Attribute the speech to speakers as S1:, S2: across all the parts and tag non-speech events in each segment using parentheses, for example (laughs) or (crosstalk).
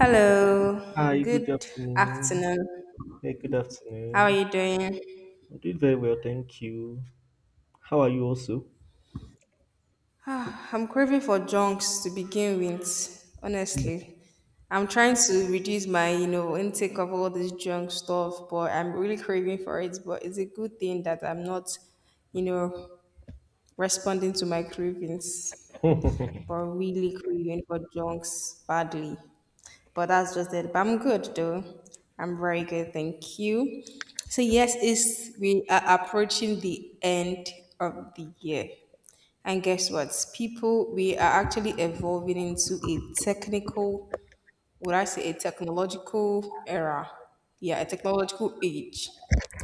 S1: Hello,
S2: Hi, good
S1: good
S2: afternoon.
S1: afternoon.
S2: Hey, good
S1: How are
S2: afternoon.
S1: you doing?
S2: I'm doing very well, thank you. How are you also?
S1: I'm craving for junks to begin with, honestly. I'm trying to reduce my, intake of all this junk stuff, but I'm really craving for it. But it's a good thing that I'm not, you know, responding to my cravings. But
S2: (laughs)
S1: really craving for junks badly. But that's just it. But I'm good though. I'm very good, thank you. So yes, it's we are approaching the end of the year. And guess what? People, we are actually evolving into a technical, would I say a technological era? Yeah, a technological age.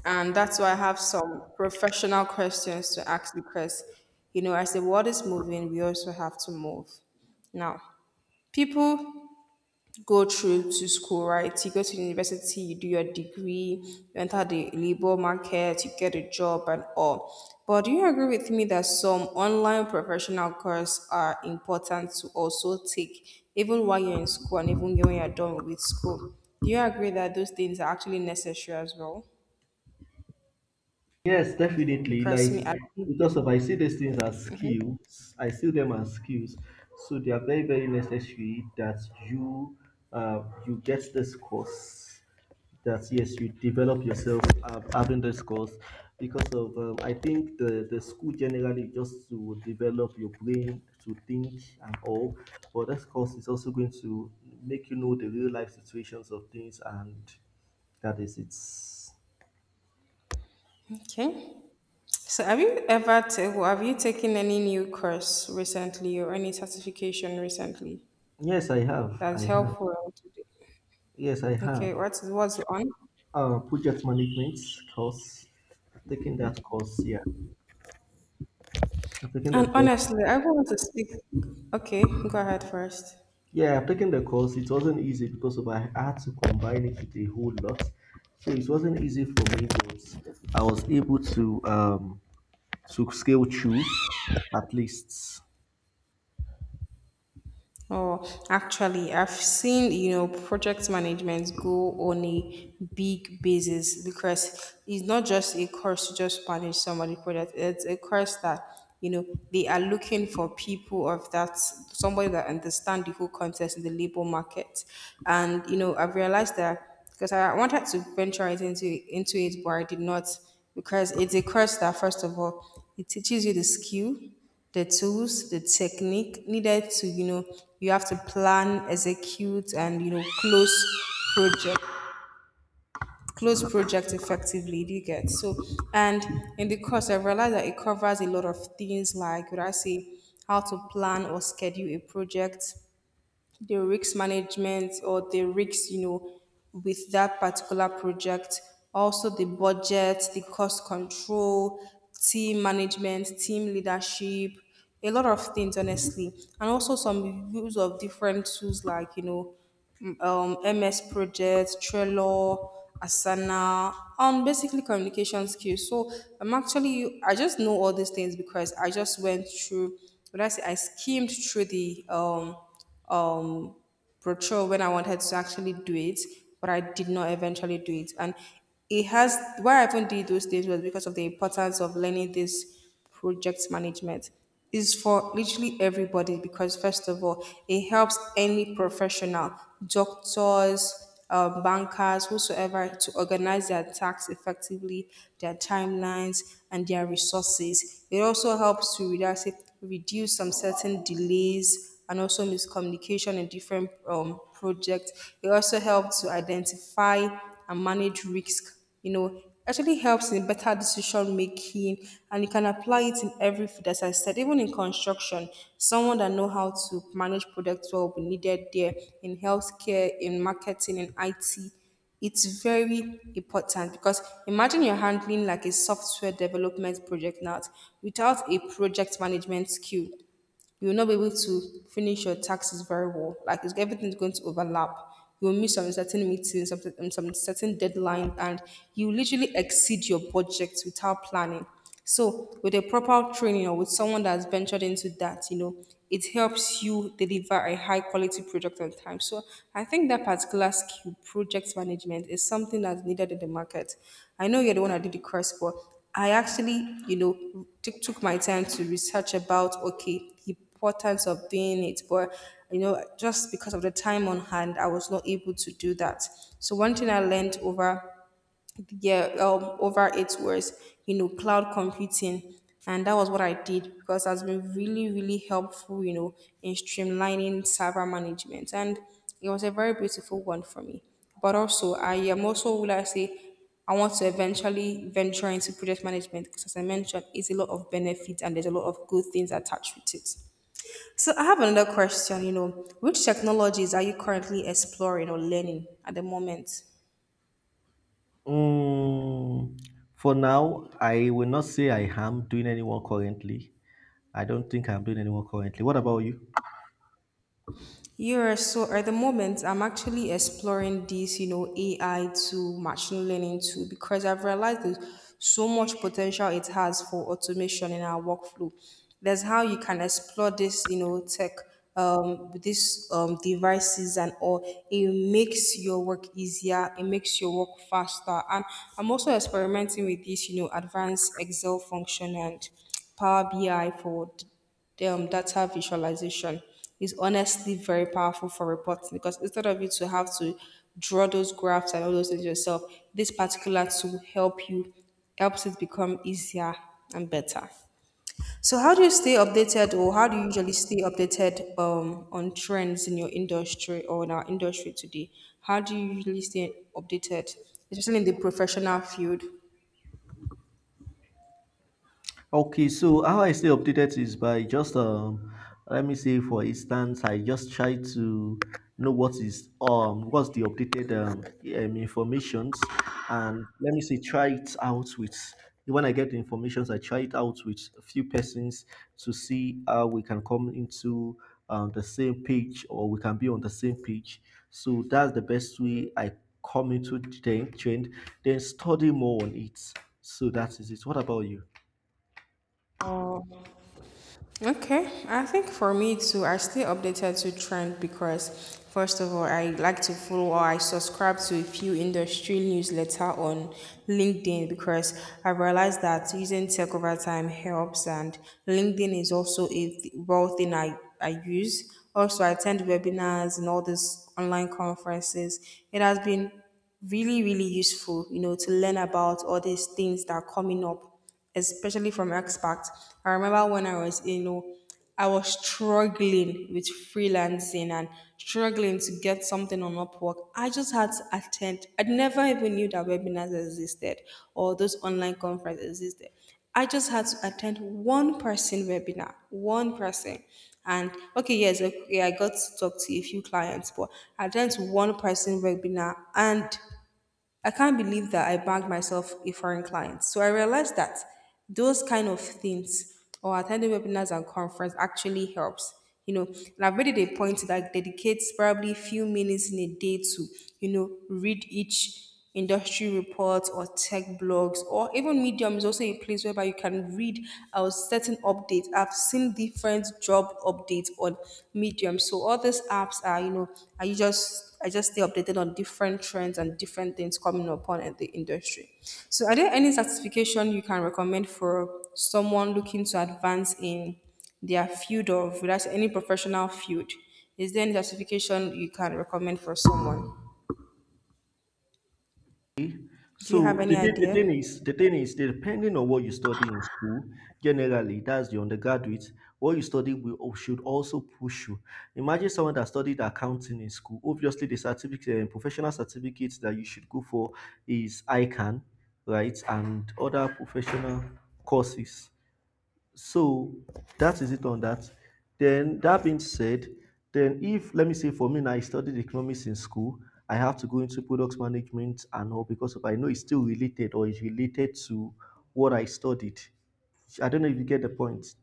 S1: And that's why I have some professional questions to ask because, as the world is moving, we also have to move. Now, people go through to school, right? You go to university, you do your degree, you enter the labor market, you get a job and all. But do you agree with me that some online professional courses are important to also take, even while you're in school and even when you're done with school? Do you agree that those things are actually necessary as well?
S2: Yes, definitely.
S1: Because
S2: Like
S1: me, I believe.
S2: because if I see these things as skills, I see them as skills. So they are very, very necessary that you you get this course. That yes, you develop yourself having this course because of I think the school generally just to develop your brain to think and all, but this course is also going to make you know the real life situations of things. And that is it's.
S1: Okay. So have you ever well, have you taken any new course recently or any certification recently
S2: Yes, I have I
S1: that's
S2: have.
S1: helpful today?
S2: Yes, I
S1: Okay,
S2: have.
S1: what's on?
S2: Project management course. I've taken that course. Yeah, I've taken the
S1: And
S2: course.
S1: honestly, I want to speak. Okay, go ahead first.
S2: Yeah, I've taken the course. It wasn't easy because of I had to combine it with a whole lot, so it wasn't easy for me. But I was able to scale through at least.
S1: Oh, actually, I've seen, project management go on a big basis because it's not just a course to just manage somebody's project. It's a course that, you know, they are looking for people of that, somebody that understand the whole context in the labor market. And, I've realized that because I wanted to venture it into it, but I did not because it's a course that, first of all, it teaches you the skill, the tools, the technique needed to, you have to plan, execute, and project, close project effectively. Do you get so? And in the course, I realized that it covers a lot of things like, would I say, how to plan or schedule a project, the risk management or the risks, with that particular project. Also, the budget, the cost control, team management, team leadership, a lot of things, honestly. And also some use of different tools like, MS Project, Trello, Asana, on basically communication skills. So I'm actually, I just know all these things because I just went through, when I say, I skimmed through the brochure when I wanted to actually do it, but I did not eventually do it. And it has, why I even did those things was because of the importance of learning this project management is for literally everybody because first of all it helps any professional, doctors, bankers, whosoever, to organize their tasks effectively, their timelines, and their resources. It also helps to reduce, reduce some certain delays and also miscommunication in different projects. It also helps to identify and manage risk, actually helps in better decision making, and you can apply it in every field, as I said, even in construction. Someone that know how to manage products well will be needed there, in healthcare, in marketing, in IT. It's very important because imagine you're handling like a software development project now without a project management skill, you will not be able to finish your taxes very well. Like it's, everything's going to overlap. You will miss some certain meetings, some certain deadlines, and you literally exceed your budget without planning. So, with a proper training or with someone that's ventured into that, it helps you deliver a high quality product on time. So, I think that particular skill, project management, is something that's needed in the market. I know you're the one that did the course, but I actually, took my time to research about, okay, the importance of doing it, but you know just because of the time on hand I was not able to do that. So one thing I learned over, yeah, over 8 words, you know, cloud computing, and that was what I did because it has been really really helpful, you know, in streamlining server management, and it was a very beautiful one for me. But also I am also, will I say, I want to eventually venture into project management because as I mentioned it's a lot of benefits and there's a lot of good things attached with it. So I have another question, which technologies are you currently exploring or learning at the moment?
S2: Mm, for now, I will not say I am doing anyone currently. I don't think I'm doing anyone currently. What about you?
S1: Yeah, so at the moment, I'm actually exploring this, AI to machine learning too, because I've realized there's so much potential it has for automation in our workflow. There's how you can explore this, tech, these devices and all. It makes your work easier. It makes your work faster. And I'm also experimenting with this, advanced Excel function and Power BI for the data visualization is honestly very powerful for reporting because instead of you to have to draw those graphs and all those things yourself, this particular tool help you, helps it become easier and better. So how do you stay updated or how do you usually stay updated on trends in your industry or in our industry today? How do you usually stay updated, especially in the professional field?
S2: Okay, so how I stay updated is by just let me say, for instance, I just try to know what's the updated informations, and let me say try it out with when I get the informations, I try it out with a few persons to see how we can come into the same page, or we can be on the same page. So that's the best way I come into the trend, then study more on it. So that is it. What about you?
S1: Okay, I think for me too, I stay updated to trend because first of all, I like to follow or I subscribe to a few industry newsletter on LinkedIn because I realized that using tech over time helps, and LinkedIn is also a well thing I use. Also, I attend webinars and all these online conferences. It has been really really useful, to learn about all these things that are coming up, especially from expats. I remember when I was, I was struggling with freelancing and struggling to get something on Upwork. I just had to attend. I never even knew that webinars existed or those online conferences existed. I just had to attend one person webinar, one person. And okay, yes, okay, I got to talk to a few clients, but I attended one person webinar and I can't believe that I bagged myself a foreign client. So I realized that those kind of things or attending webinars and conference actually helps. You know, and I've made it a point that I dedicate probably a few minutes in a day to, read each industry reports or tech blogs or even Medium is also a place whereby you can read our certain updates. I've seen different job updates on Medium. So all these apps are, are you just I just stay updated on different trends and different things coming upon in the industry. So, are there any certification you can recommend for someone looking to advance in their field of, that's any professional field? Is there any certification you can recommend for someone? Do you have
S2: So
S1: any
S2: the thing, the
S1: idea?
S2: thing is, the thing is, depending on what you study in school, generally that's the undergraduate. What you study will should also push you. Imagine someone that studied accounting in school. Obviously, the professional certificates that you should go for is ICANN, right, and other professional courses. So that is it on that. Then that being said, then if let me say for me now, I studied economics in school, I have to go into product management and all, because of I know it's still related, or it's related to what I studied. I don't know if you get the point.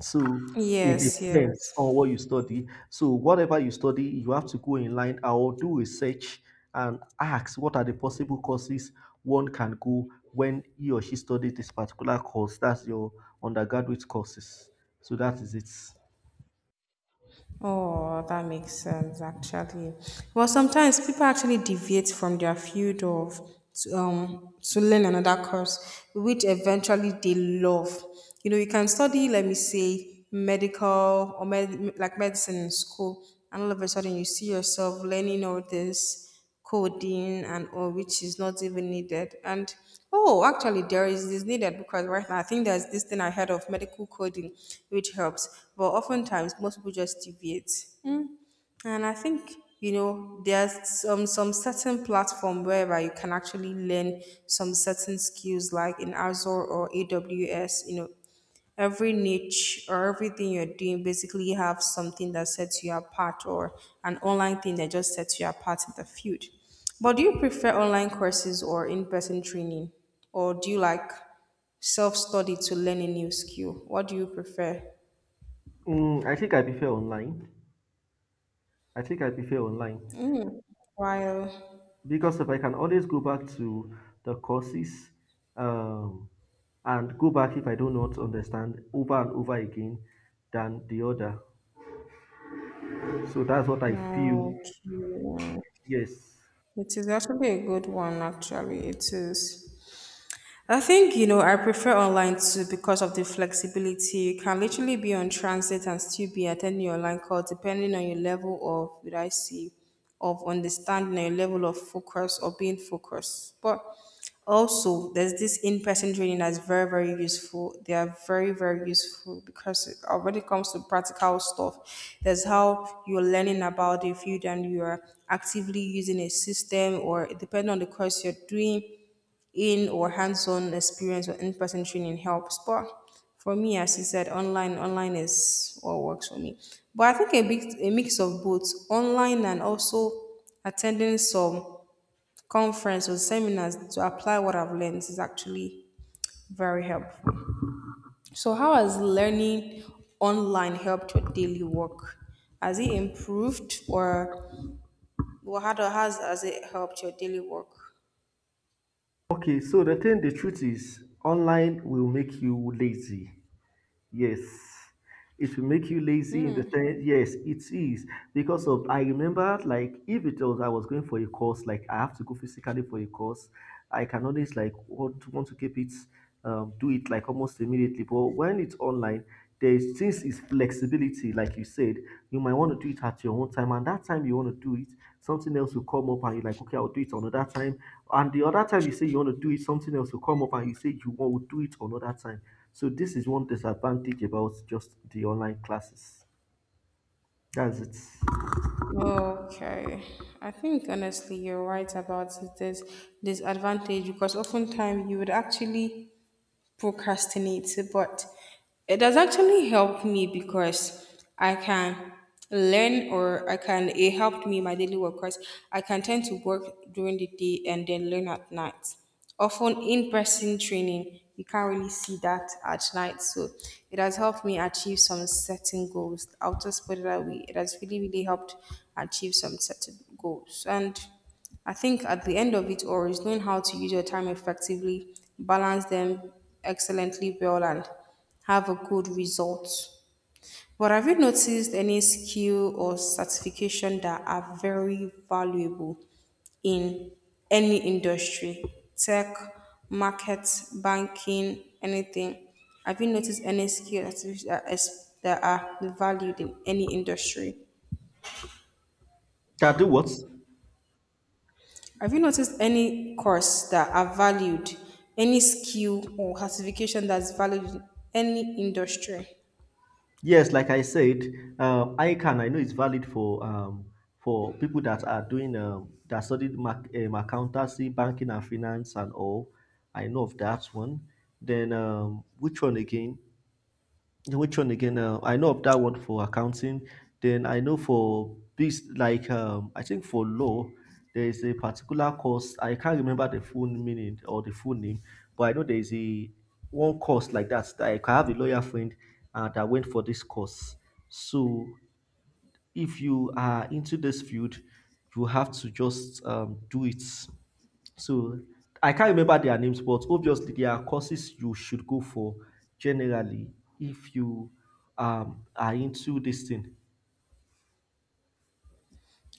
S2: So it
S1: Yes,
S2: depends on
S1: yes.
S2: what you study. So whatever you study, you have to go in line or do research and ask what are the possible courses one can go when he or she studies this particular course. That's your undergraduate courses. So that is it.
S1: Oh, that makes sense actually. Well, sometimes people actually deviate from their field of to learn another course, which eventually they love. You know, you can study, let me say, medical or like medicine in school, and all of a sudden you see yourself learning all this coding and all, which is not even needed. And oh actually there is this needed because right now I think there's this thing I heard of medical coding which helps, but oftentimes most people just deviate. And I think, you know, there's some certain platform whereby you can actually learn some certain skills like in Azure or AWS, you know, every niche or everything you're doing basically have something that sets you apart, or an online thing that just sets you apart in the field. But do you prefer online courses or in-person training? Or do you like self-study to learn a new skill? What do you prefer?
S2: I think I prefer online. I think I prefer online
S1: Mm. While
S2: because if I can always go back to the courses, um, and go back if I do not understand, over and over again, than the other. So that's what I feel.
S1: okay. Yeah.
S2: Yes.
S1: It is actually a good one actually. It is, I think, you know, I prefer online too because of the flexibility. You can literally be on transit and still be attending your online call depending on your level of, what I see, of understanding, your level of focus or being focused. But also, there's this in person training that's very, very useful. They are very, very useful because when it comes to practical stuff, there's how you're learning about the field and you are actively using a system or depending on the course you're doing in, or hands-on experience or in-person training helps. But for me, as you said, online is what works for me. But I think a mix of both online and also attending some conference or seminars to apply what I've learned is actually very helpful. So how has learning online helped your daily work? Has it improved or has it helped your daily work?
S2: Okay, so the truth is, online will make you lazy. Yes. It will make you lazy in the thing. Yes, it is. Because of, I remember, like, if it was, I was going for a course, like, I have to go physically for a course. I can always like want to keep it, do it like almost immediately. But when it's online, there's since it's flexibility, like you said, you might want to do it at your own time, and that time you want to do it, something else will come up, and you're like, okay, I'll do it another time. And the other time you say you want to do it, something else will come up, and you say you want to do it another time. So this is one disadvantage about just the online classes. That's it.
S1: Okay, I think honestly you're right about this disadvantage because oftentimes you would actually procrastinate, but it does actually help me because I can it helped me in my daily work because I can tend to work during the day and then learn at night. Often in person training, you can't really see that at night. So it has helped me achieve some certain goals. I'll just put it that way. It has really, really helped achieve some certain goals. And I think at the end of it all is knowing how to use your time effectively, balance them excellently well, and have a good result. But have you noticed any skill or certification that are very valuable in any industry? Tech, market, banking, anything. Have you noticed any skill that are valued in any industry?
S2: That do what?
S1: Have you noticed any course that are valued, any skill or certification that's valued in any industry?
S2: Yes, like I said, ICANN, I know it's valid for people that are doing that studied accountancy, banking and finance, and all. I know of that one. Then which one again? Yeah, which one again? I know of that one for accounting. Then I know for this, like I think for law, there is a particular course. I can't remember the full meaning or the full name, but I know there is a one course like that, that I have a lawyer friend that went for this course. So if you are into this field, you have to just do it. So I can't remember their names, but obviously there are courses you should go for generally if you are into this thing.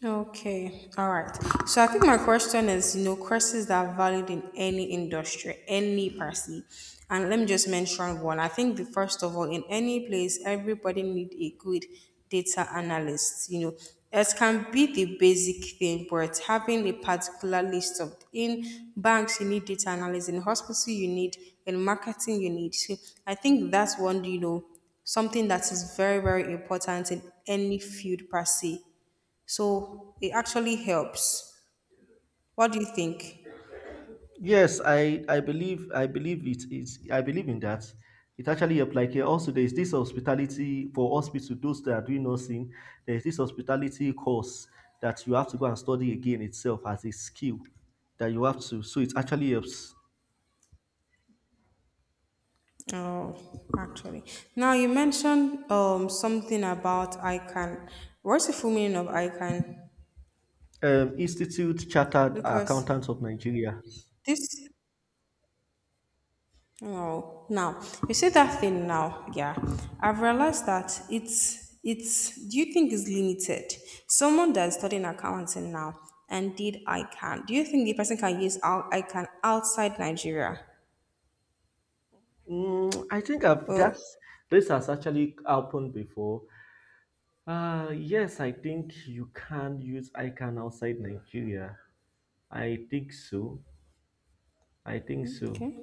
S1: Okay, all right. So I think my question is, you know, courses that are valid in any industry, any per se. And let me just mention one. I think the first of all, in any place, everybody need a good data analyst. You know, it can be the basic thing, but having a particular list of in banks you need data analyst, in hospital you need, in marketing you need. So I think that's one, you know, something that is very, very important in any field per se so it actually helps. What do you think?
S2: Yes, I believe it is I believe in that. It actually applies here. Also, there is this hospitality for hospital, those that are doing nursing, there is this hospitality course that you have to go and study again itself as a skill that you have to. So it actually helps.
S1: Oh, actually. Now you mentioned something about ICANN. What's the full meaning of ICANN?
S2: Institute Chartered
S1: Because
S2: Accountants of Nigeria.
S1: this oh now you say that thing now, yeah. I've realized that it's do you think it's limited? Someone that's studying accounting now and did ICANN, do you think the person can use out ICANN outside Nigeria?
S2: Mm, I think I've
S1: Oh.
S2: that's this has actually happened before. Yes, I think you can use ICANN outside Nigeria. I think so. I think so.
S1: Okay.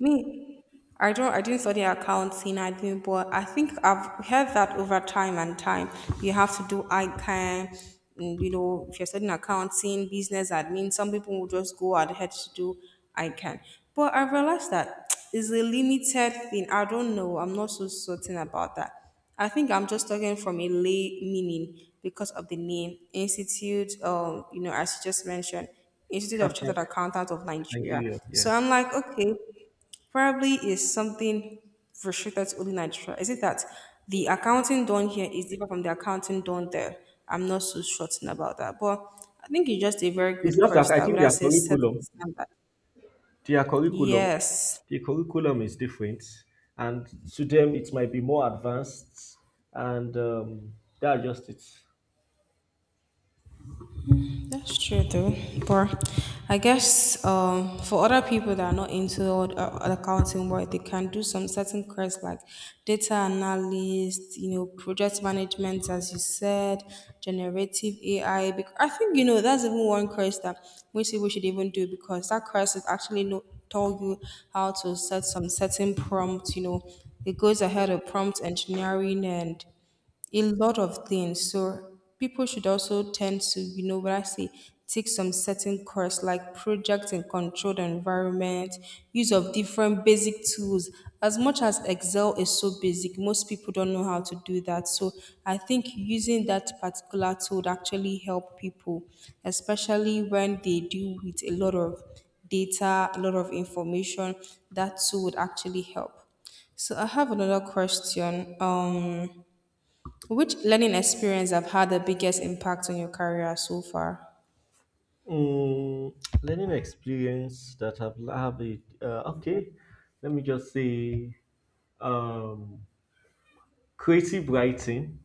S1: Me, I didn't study accounting, I didn't, but I think I've heard that over time and time, you have to do ICANN, and, you know, if you're studying accounting, business admin, some people will just go ahead to do ICANN. But I realized that (tsk) it's a limited thing. I don't know. I'm not so certain about that. I think I'm just talking from a lay meaning because of the name Institute. You know, as you just mentioned, Institute
S2: Track
S1: of Chartered
S2: outside
S1: Accountant of Nigeria.
S2: Nigeria, yeah.
S1: So I'm like, okay, probably is something restricted to only Nigeria. Is it that the accounting done here is different from the accounting done there? I'm not so certain about that, but I think it's just a very
S2: It's
S1: good
S2: just that
S1: course
S2: I
S1: that
S2: think
S1: would I say set the standard.
S2: their curriculum,
S1: Yes,
S2: the curriculum is different, and to them it might be more advanced, and that's just it.
S1: that's true though, but I guess for other people that are not into accounting work, they can do some certain careers like data analyst, you know, project management, as you said, generative AI. Because I think you know that's even one course that most people should even do because that course is actually no tell you how to set some certain prompts. You know, it goes ahead of prompt engineering and a lot of things. So people should also tend to, you know, when I say take some certain course like project and controlled environment, use of different basic tools. As much as Excel is so basic, most people don't know how to do that. So I think using that particular tool would actually help people, especially when they deal with a lot of data, a lot of information, that tool would actually help. So I have another question. Which learning experience have had the biggest impact on your career so far?
S2: Mm, Learning experience that I've have it. Okay, let me just say. um Creative writing.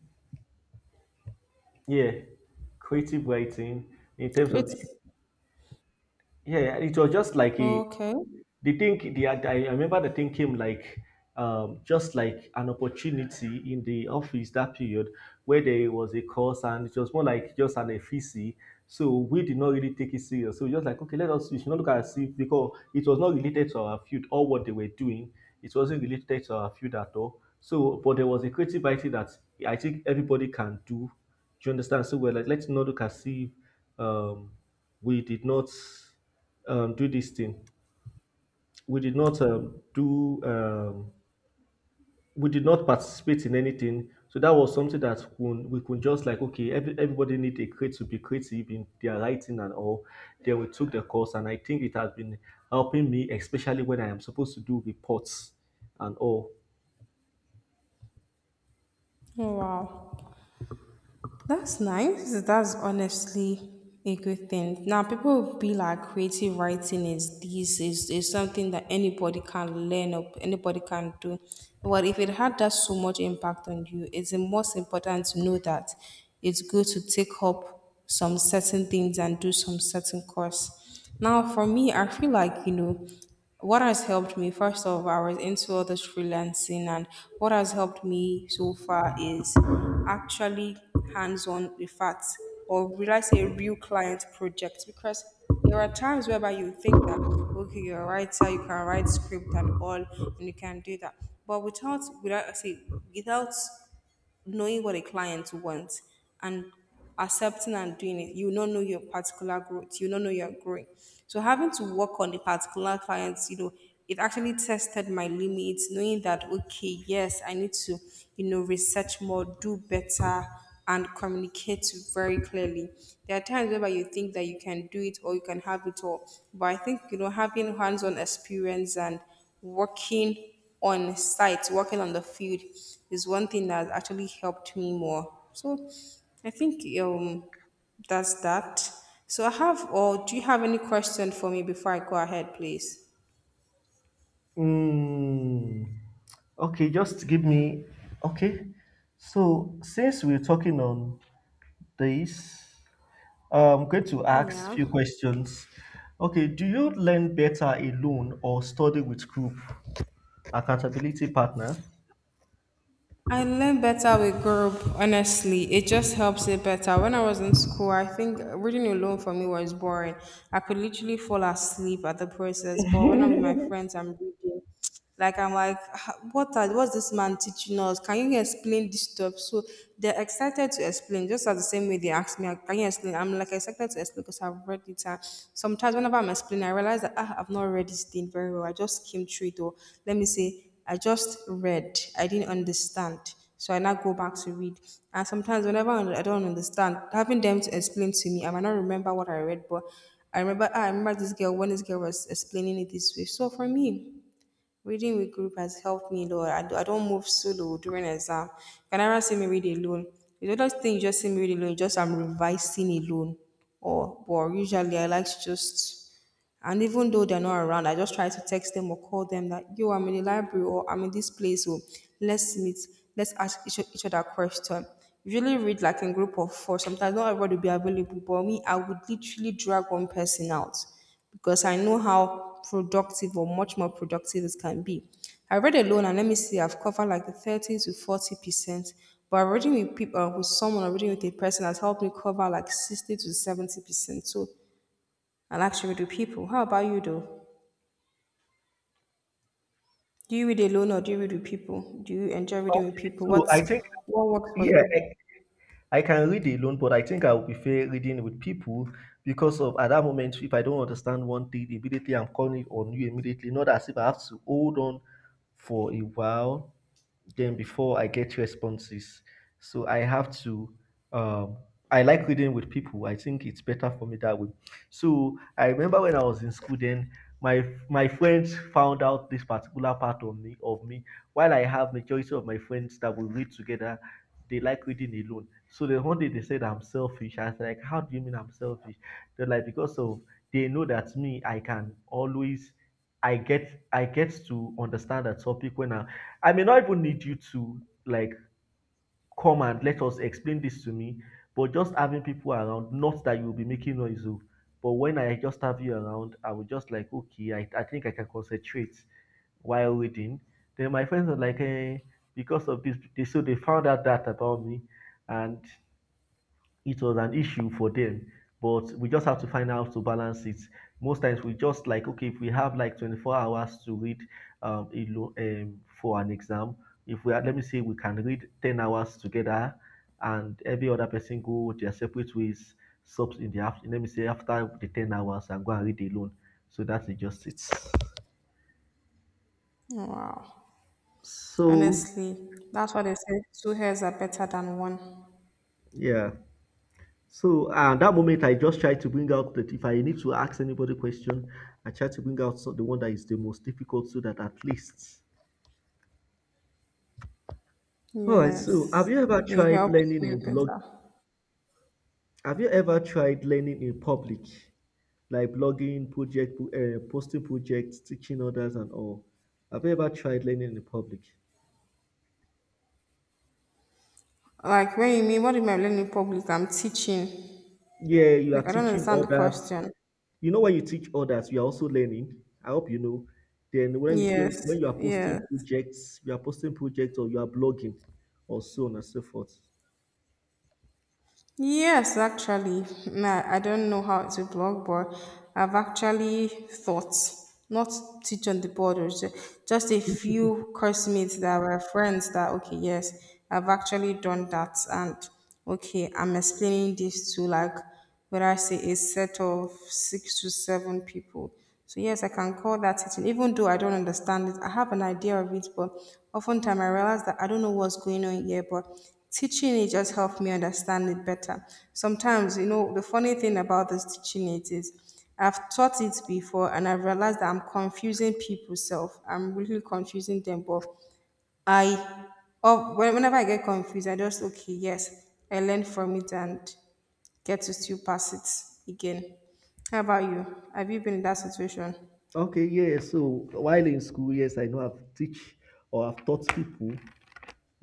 S2: Yeah, creative writing in terms
S1: Great.
S2: of the, yeah, it was just like a,
S1: Okay.
S2: the thing, I remember the thing came like, just like an opportunity in the office that period where there was a course, and it was more like just an FEC. So we did not really take it serious. So we just like, okay, let us we should not look at it as if, because it was not related to our field or what they were doing. It wasn't related to our field at all. So but there was a creative idea that I think everybody can do. Do you understand? So we're like, let's not look at see, um, we did not do this thing, we did not do we did not participate in anything, so that was something that when we could just like, okay, everybody need a crate to be creative in their writing and all, then we took the course, and I think it has been helping me especially when I am supposed to do reports and all.
S1: Oh, wow. That's nice. That's honestly a good thing. Now, people will be like, creative writing is something that anybody can learn or anybody can do. Well, if it had that so much impact on you, it's the most important to know that it's good to take up some certain things and do some certain course. Now, for me, I feel like, you know, what has helped me, first of all, I was into all this freelancing, and what has helped me so far is actually hands on with facts or will I say real client projects because there are times whereby you think that okay you're a writer you can write script and all and you can do that but without I say without knowing what a client wants and accepting and doing it, you don't know your particular growth. You don't know you're growing. So having to work on the particular clients, you know, it actually tested my limits, knowing that okay, yes, I need to, you know, research more, do better, and communicate very clearly. There are times where you think that you can do it or you can have it all. But I think, you know, having hands-on experience and working on site, working on the field is one thing that actually helped me more. So I think that's that. So I have or do you have any question for me before I go ahead, please?
S2: mm, okay, just give me, okay, so since we're talking on this. I'm going to ask
S1: Yeah.
S2: few questions. Okay, do you learn better alone or study with group accountability partners?
S1: I learn better with group, honestly. It just helps it better. When I was in school, I think reading alone for me was boring. I could literally fall asleep at the process. But when I'm with my friends, I'm reading. Like I'm like, "Ah, what are, what's this man teaching us? Can you explain this stuff? So they're excited to explain, just as the same way they asked me, "Ah, can you explain? I'm like excited to explain because I've read it. And sometimes whenever I'm explaining, I realize that ah, I've not read this thing very well. I just skimmed through it or let me say I just read. I didn't understand. So I now go back to read. And sometimes whenever I don't understand, having them to explain to me, I might not remember what I read, but I remember ah, I remember this girl when this girl was explaining it this way. So for me, reading with group has helped me a lot. I don't move solo during exam. You can never see me read alone. The other thing you just see me read alone, just I'm revising alone. Or but usually I like to just and even though they're not around, I just try to text them or call them that yo, I'm in the library or I'm in this place, so let's meet, let's ask each other question. Usually read like in group of four. Sometimes not everybody will be available, but me, I would literally drag one person out because I know how productive or much more productive it can be. I read alone and let me see, I've covered like the 30 to 40%, but reading with people, with someone or reading with a person has helped me cover like 60 to 70%. So I like to read with people. How about you though? Do you read alone or do you read with people? Do you enjoy reading with
S2: Okay,
S1: people?
S2: so
S1: What's
S2: I think
S1: what works for
S2: yeah,
S1: you?
S2: I can read alone, but I think I would prefer reading with people because of at that moment, if I don't understand one thing immediately, I'm calling on you immediately. Not as if I have to hold on for a while, then before I get responses. So I have to. Um, I like reading with people. I think it's better for me that way. So I remember when I was in school, then my friends found out this particular part of me. While I have majority of my friends that will read together, they like reading alone. So the one day they said I'm selfish. I was like, how do you mean I'm selfish? They're like because of they know that me, I can always, I get to understand a topic when I may not even need you to, like, come and let us explain this to me, but just having people around, not that you'll be making noise. Oh, but when I just have you around, I will just like, okay, I think I can concentrate while reading. Then my friends are like, eh, because of this, they so they found out that about me, and it was an issue for them, but we just have to find out to balance it. Most times we just like, okay, if we have like 24 hours to read, for an exam, if we are let me say we can read 10 hours together, and every other person go their separate ways. Subs in the after Let me say after the 10 hours and go and read alone, so that's just it.
S1: Wow.
S2: So
S1: Honestly, that's what they say. Two heads are better than one.
S2: yeah. So at that moment, I just try to bring out that if I need to ask anybody question, I try to bring out the one that is the most difficult, so that at least. All right. So have
S1: Yes.
S2: you ever
S1: It
S2: tried
S1: helps
S2: learning
S1: you
S2: in blog?
S1: better.
S2: Have you ever tried learning in public, like blogging, posting projects, teaching others, and all? Have you ever tried learning in public?
S1: Like, when you mean, what do you mean I'm learning public? I'm teaching.
S2: Yeah, you are
S1: Like, I don't
S2: teaching
S1: understand the
S2: others.
S1: question.
S2: You know, when you teach others, you are also learning. I hope you know. Then when you when
S1: Yes,
S2: you are
S1: yes.
S2: posting projects, or you are blogging, or so on and so forth.
S1: Yes, actually. Nah, I don't know how to blog, but I've actually thought, not teach on the board, just a few coursemates that were friends that, okay, yes, I've actually done that. And, okay, I'm explaining this to like where I see a set of six to seven people. So yes, I can call that sitting, even though I don't understand it. I have an idea of it, but oftentimes I realize that I don't know what's going on here, but teaching it just helped me understand it better. Sometimes, you know, the funny thing about this teaching it is I've taught it before and I realized that I'm confusing people self. I'm really confusing them, but I, oh, when- whenever I get confused, I just, okay, yes, I learn from it and get to still pass it again. How about you? Have you been in that situation?
S2: Okay, yeah. So while in school, yes, I know I've teach or I've taught people.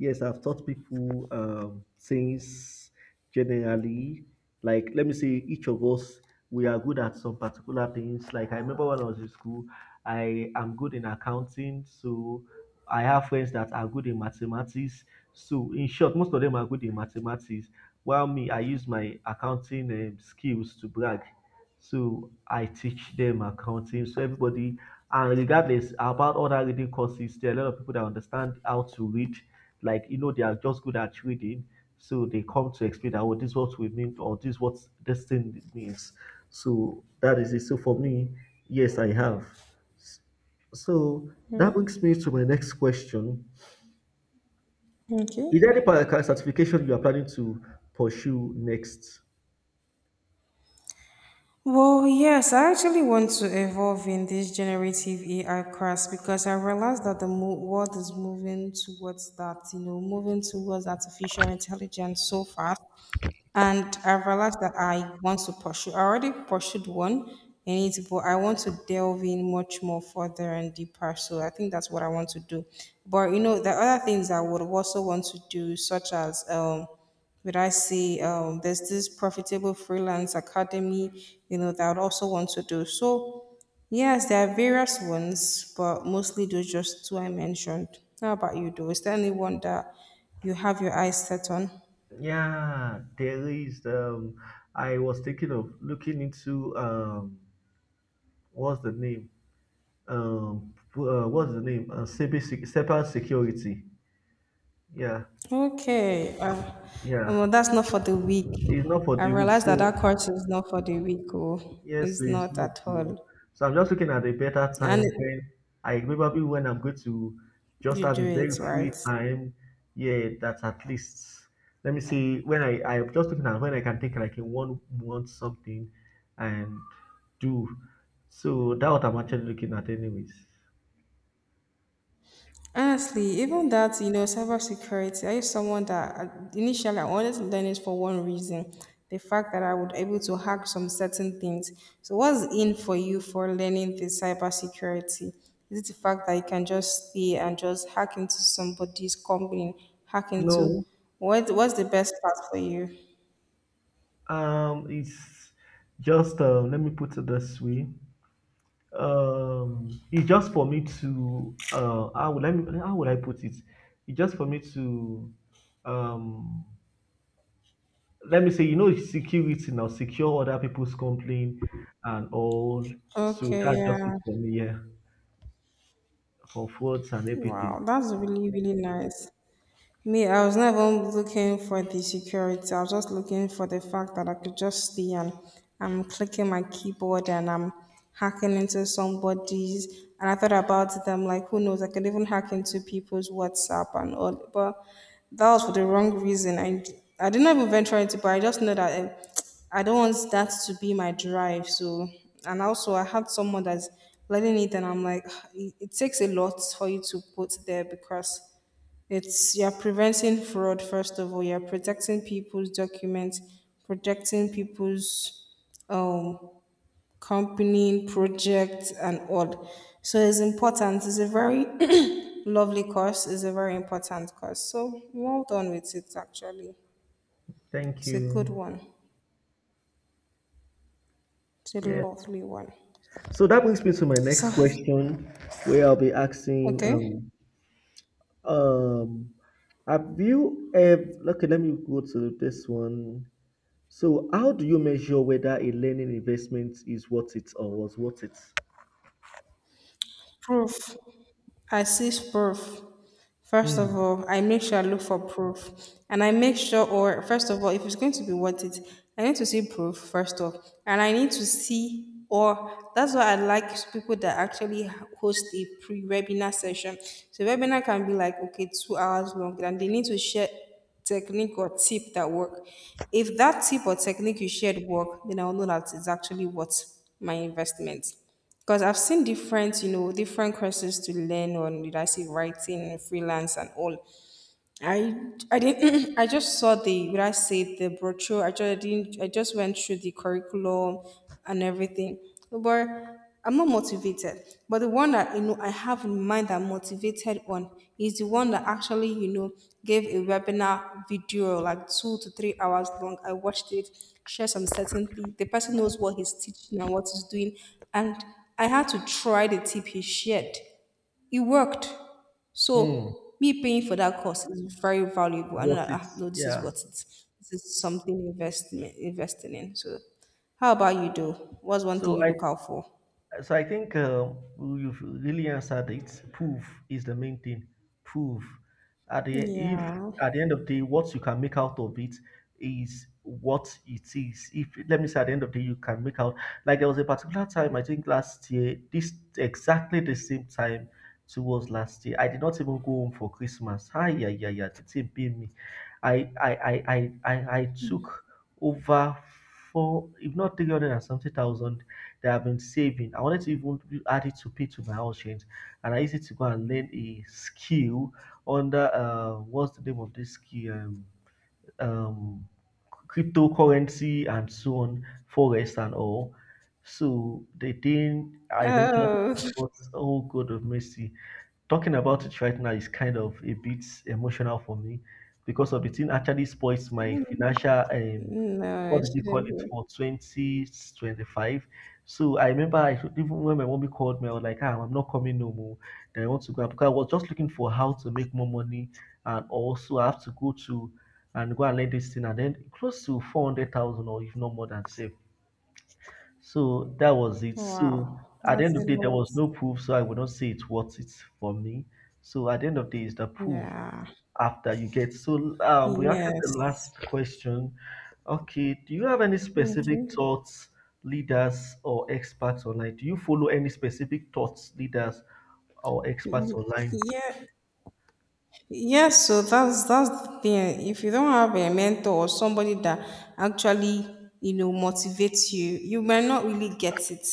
S2: Yes, I've taught people things generally. Like, let me say, each of us, we are good at some particular things. Like, I remember when I was in school, I am good in accounting. So, I have friends that are good in mathematics. So, in short, most of them are good in mathematics. While me, I use my accounting skills to brag. So, I teach them accounting. So, everybody, and regardless about other reading courses, there are a lot of people that understand how to read, like, you know, they are just good at reading. So they come to explain that, oh, this is what we mean or this is what this thing means. So that is it. So for me, yes, I have. S- so that brings me to my next question.
S1: Okay.
S2: Is there any certification you are planning to pursue next?
S1: Well, yes, I actually want to evolve in this generative AI class because I realize that the mo- world is moving towards that, you know, moving towards artificial intelligence so fast. And I've realized that I want to pursue. I already pursued one in it, but I want to delve in much more further and deeper. So I think that's what I want to do. But the other things I would also want to do, such as would I say there's this profitable freelance academy, that I would also want to do. So yes, there are various ones, but mostly those just two I mentioned. How about you, though? Is there anyone that you have your eyes set on?
S2: Yeah, there is, I was thinking of looking into, what's the name? What's the name? Cyber security. Yeah.
S1: Okay. Uh,
S2: Yeah.
S1: well, that's not for the weak.
S2: It's not for
S1: I
S2: the week.
S1: realized that
S2: So
S1: that course is not for the weak. Oh,
S2: yes, so
S1: it's
S2: it's
S1: not
S2: not
S1: at
S2: to.
S1: all.
S2: So I'm just looking at a better
S1: And
S2: time when I, probably when I'm going to just
S1: you
S2: have
S1: do
S2: a
S1: it
S2: very
S1: right.
S2: free time. Yeah, that's at least. Let me see when I'm just looking at when I can take like in 1 month something and do. So that's what I'm actually looking at, anyways.
S1: Honestly, even that, cybersecurity, I is someone that initially I wanted to learn it for one reason, the fact that I would able to hack some certain things. So what's in for you for learning the cybersecurity? Is it the fact that you can just stay and just hack into somebody's company, hack into.
S2: No,
S1: What's the best part for you?
S2: it's just let me put it this way. It's just for me to how would I, how would I put it? It's just for me to, um let me say, you know, security now, secure other people's complaint and all. So
S1: Okay,
S2: that's just it
S1: yeah.
S2: for me, yeah. For frauds and
S1: Wow,
S2: everything.
S1: that's really, really nice. Me, I was not even looking for the security. I was just looking for the fact that I could just stay and I'm clicking my keyboard and I'm hacking into somebody's. And I thought about them like, who knows? I could even hack into people's WhatsApp and all. But that was for the wrong reason. I did not even venture into it, but I just know that I don't want that to be my drive. So, and also I had someone that's letting it, and I'm like, (sighs) it takes a lot for you to put there because it's you're preventing fraud first of all. You're protecting people's documents, protecting people's um company, projects, and all. So it's important. It's a very (clears throat) lovely course. It's a very important course. So well done with it. Actually,
S2: Thank
S1: it's a good
S2: you.
S1: one. It's a
S2: Yeah.
S1: lovely one.
S2: So that brings me to my
S1: So
S2: next question, where I'll be asking,
S1: okay.
S2: um, have you ever? Okay, let me go to this one. So, how do you measure whether a learning investment is worth it or was worth it?
S1: Proof. I seek proof. First of
S2: Mm,
S1: all, I make sure I look for proof. And I make sure, or first of all, if it's going to be worth it, I need to see proof, first off. And I need to see, or that's why I like people that actually host a pre webinar session. So, webinar can be like, okay, 2 hours long, and they need to share technique or tip that work. If that tip or technique you shared work, then I'll know that it's actually worth my investment. Because I've seen different, different courses to learn on, did I say writing, freelance, and all. I I didn't (clears throat) I just saw the what I say the brochure. I just, I didn't, I just went through the curriculum and everything. But I'm not motivated. But the one that I have in mind that I'm motivated on is the one that actually, gave a webinar video like 2 to 3 hours long. I watched it, share some certain certainty. The person knows what he's teaching and what he's doing. And I had to try the tip he shared. It worked.
S2: mm,
S1: So me paying for that course is very valuable. I know
S2: worth
S1: that
S2: it.
S1: no, this is
S2: Yeah.
S1: what it's this is something investment investing in. So how about you do? What's one thing
S2: So
S1: you
S2: I
S1: look out for?
S2: So I think, you've really answered it. Proof is the main thing. Proof. At the if
S1: Yeah.
S2: At the end of the day, what you can make out of it is what it is. If, let me say, at the end of the day, you can make out like, there was a particular time, I think last year, this exactly the same time towards last year. I did not even go home for Christmas. Hi, yeah, yeah, yeah. The team paid me. I took over four, if not, 300 and something thousand that I've been saving. I wanted to even add it to pay to my house rent, and I used it to go and learn a skill under, what's the name of this skill? Um, cryptocurrency and so on, forest and all. So the thing I eventually
S1: Oh, (laughs)
S2: got, oh God of mercy, talking about it right now is kind of a bit emotional for me because of the thing actually spoils my financial,
S1: no,
S2: what
S1: it
S2: did they call
S1: shouldn't
S2: it,
S1: be.
S2: for 2025. So I remember, even when my mommy called me, I was like, ah, I'm not coming no more, then I want to go out, because I was just looking for how to make more money, and also I have to go to, and go and learn this thing, and then close to 400,000, or if not more, than safe. So that was it. So
S1: Wow,
S2: at the
S1: that's
S2: end
S1: a
S2: of the day, there
S1: lot.
S2: was no proof, so I would not say it's worth it for me. So at the end of the day, it's the proof
S1: Yeah.
S2: after you get. So, we asked the
S1: Yes.
S2: last question. Okay, do you have any
S1: Okay.
S2: specific thoughts, leaders, or experts online? Do you follow any specific thoughts, leaders, or experts
S1: Y-
S2: online?
S1: Yeah. Yes, so that's the thing. If you don't have a mentor or somebody that actually, motivates you, you might not really get it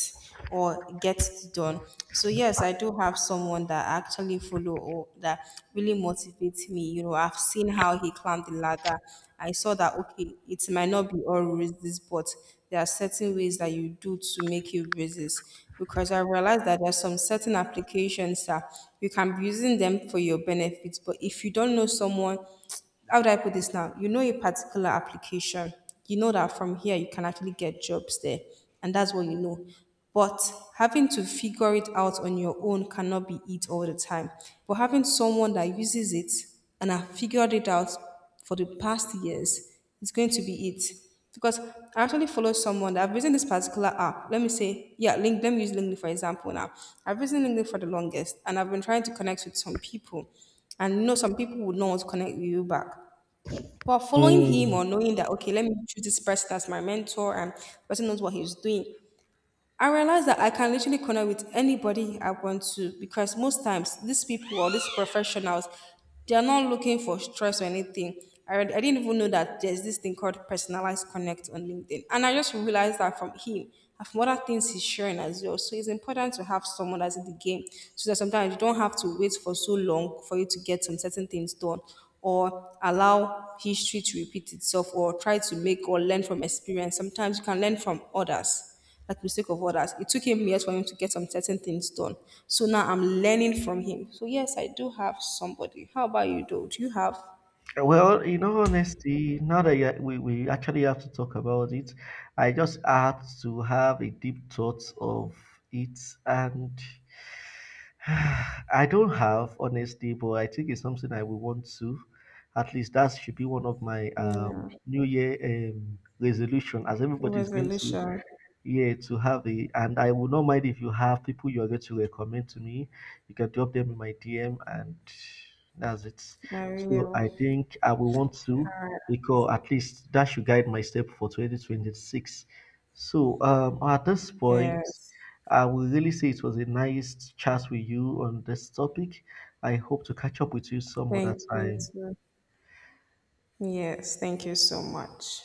S1: or get it done. So yes, I do have someone that I actually follow or that really motivates me. I've seen how he climbed the ladder. I saw that okay, it might not be all roses, but there are certain ways that you do to make you resist. Because I realized that there's some certain applications that you can be using them for your benefits, but if you don't know someone, how do I put this now? You know a particular application, you know that from here you can actually get jobs there, and that's what you know. But having to figure it out on your own cannot be it all the time. But having someone that uses it and have figured it out for the past years is going to be it. Because I actually follow someone that I've used this particular app. Let me say, yeah, link. Let me use LinkedIn for example now. I've used LinkedIn for the longest, and I've been trying to connect with some people, and some people would not want to connect with you back. But following him
S2: Hmm.
S1: or knowing that, okay, let me choose this person as my mentor, and person knows what he's doing. I realized that I can literally connect with anybody I want to because most times these people or these professionals, they are not looking for stress or anything. I didn't even know that there's this thing called personalized connect on LinkedIn. And I just realized that from him and from other things he's sharing as well. So it's important to have someone that's in the game so that sometimes you don't have to wait for so long for you to get some certain things done or allow history to repeat itself or try to make or learn from experience. Sometimes you can learn from others. Like the mistake of others. It took him years for him to get some certain things done. So now I'm learning from him. So yes, I do have somebody. How about you, though? Do you have?
S2: Well, in all honesty, now that we actually have to talk about it, I just had to have a deep thought of it. And (sighs) I don't have, honestly, but I think it's something I will want to. At least that should be one of my,
S1: Yeah,
S2: New Year, resolution, as everybody is going to,
S1: resolution.
S2: yeah, to have a, and I will not mind if you have people you are going to recommend to me. You can drop them in my DM and that's it.
S1: I really
S2: So
S1: will.
S2: I think I will want to, because at least that should guide my step for 2026. So at this point
S1: Yes.
S2: I will really say it was a nice chat with you on this topic. I hope to catch up with you some other
S1: Thank you
S2: time.
S1: too. Yes, thank you so much.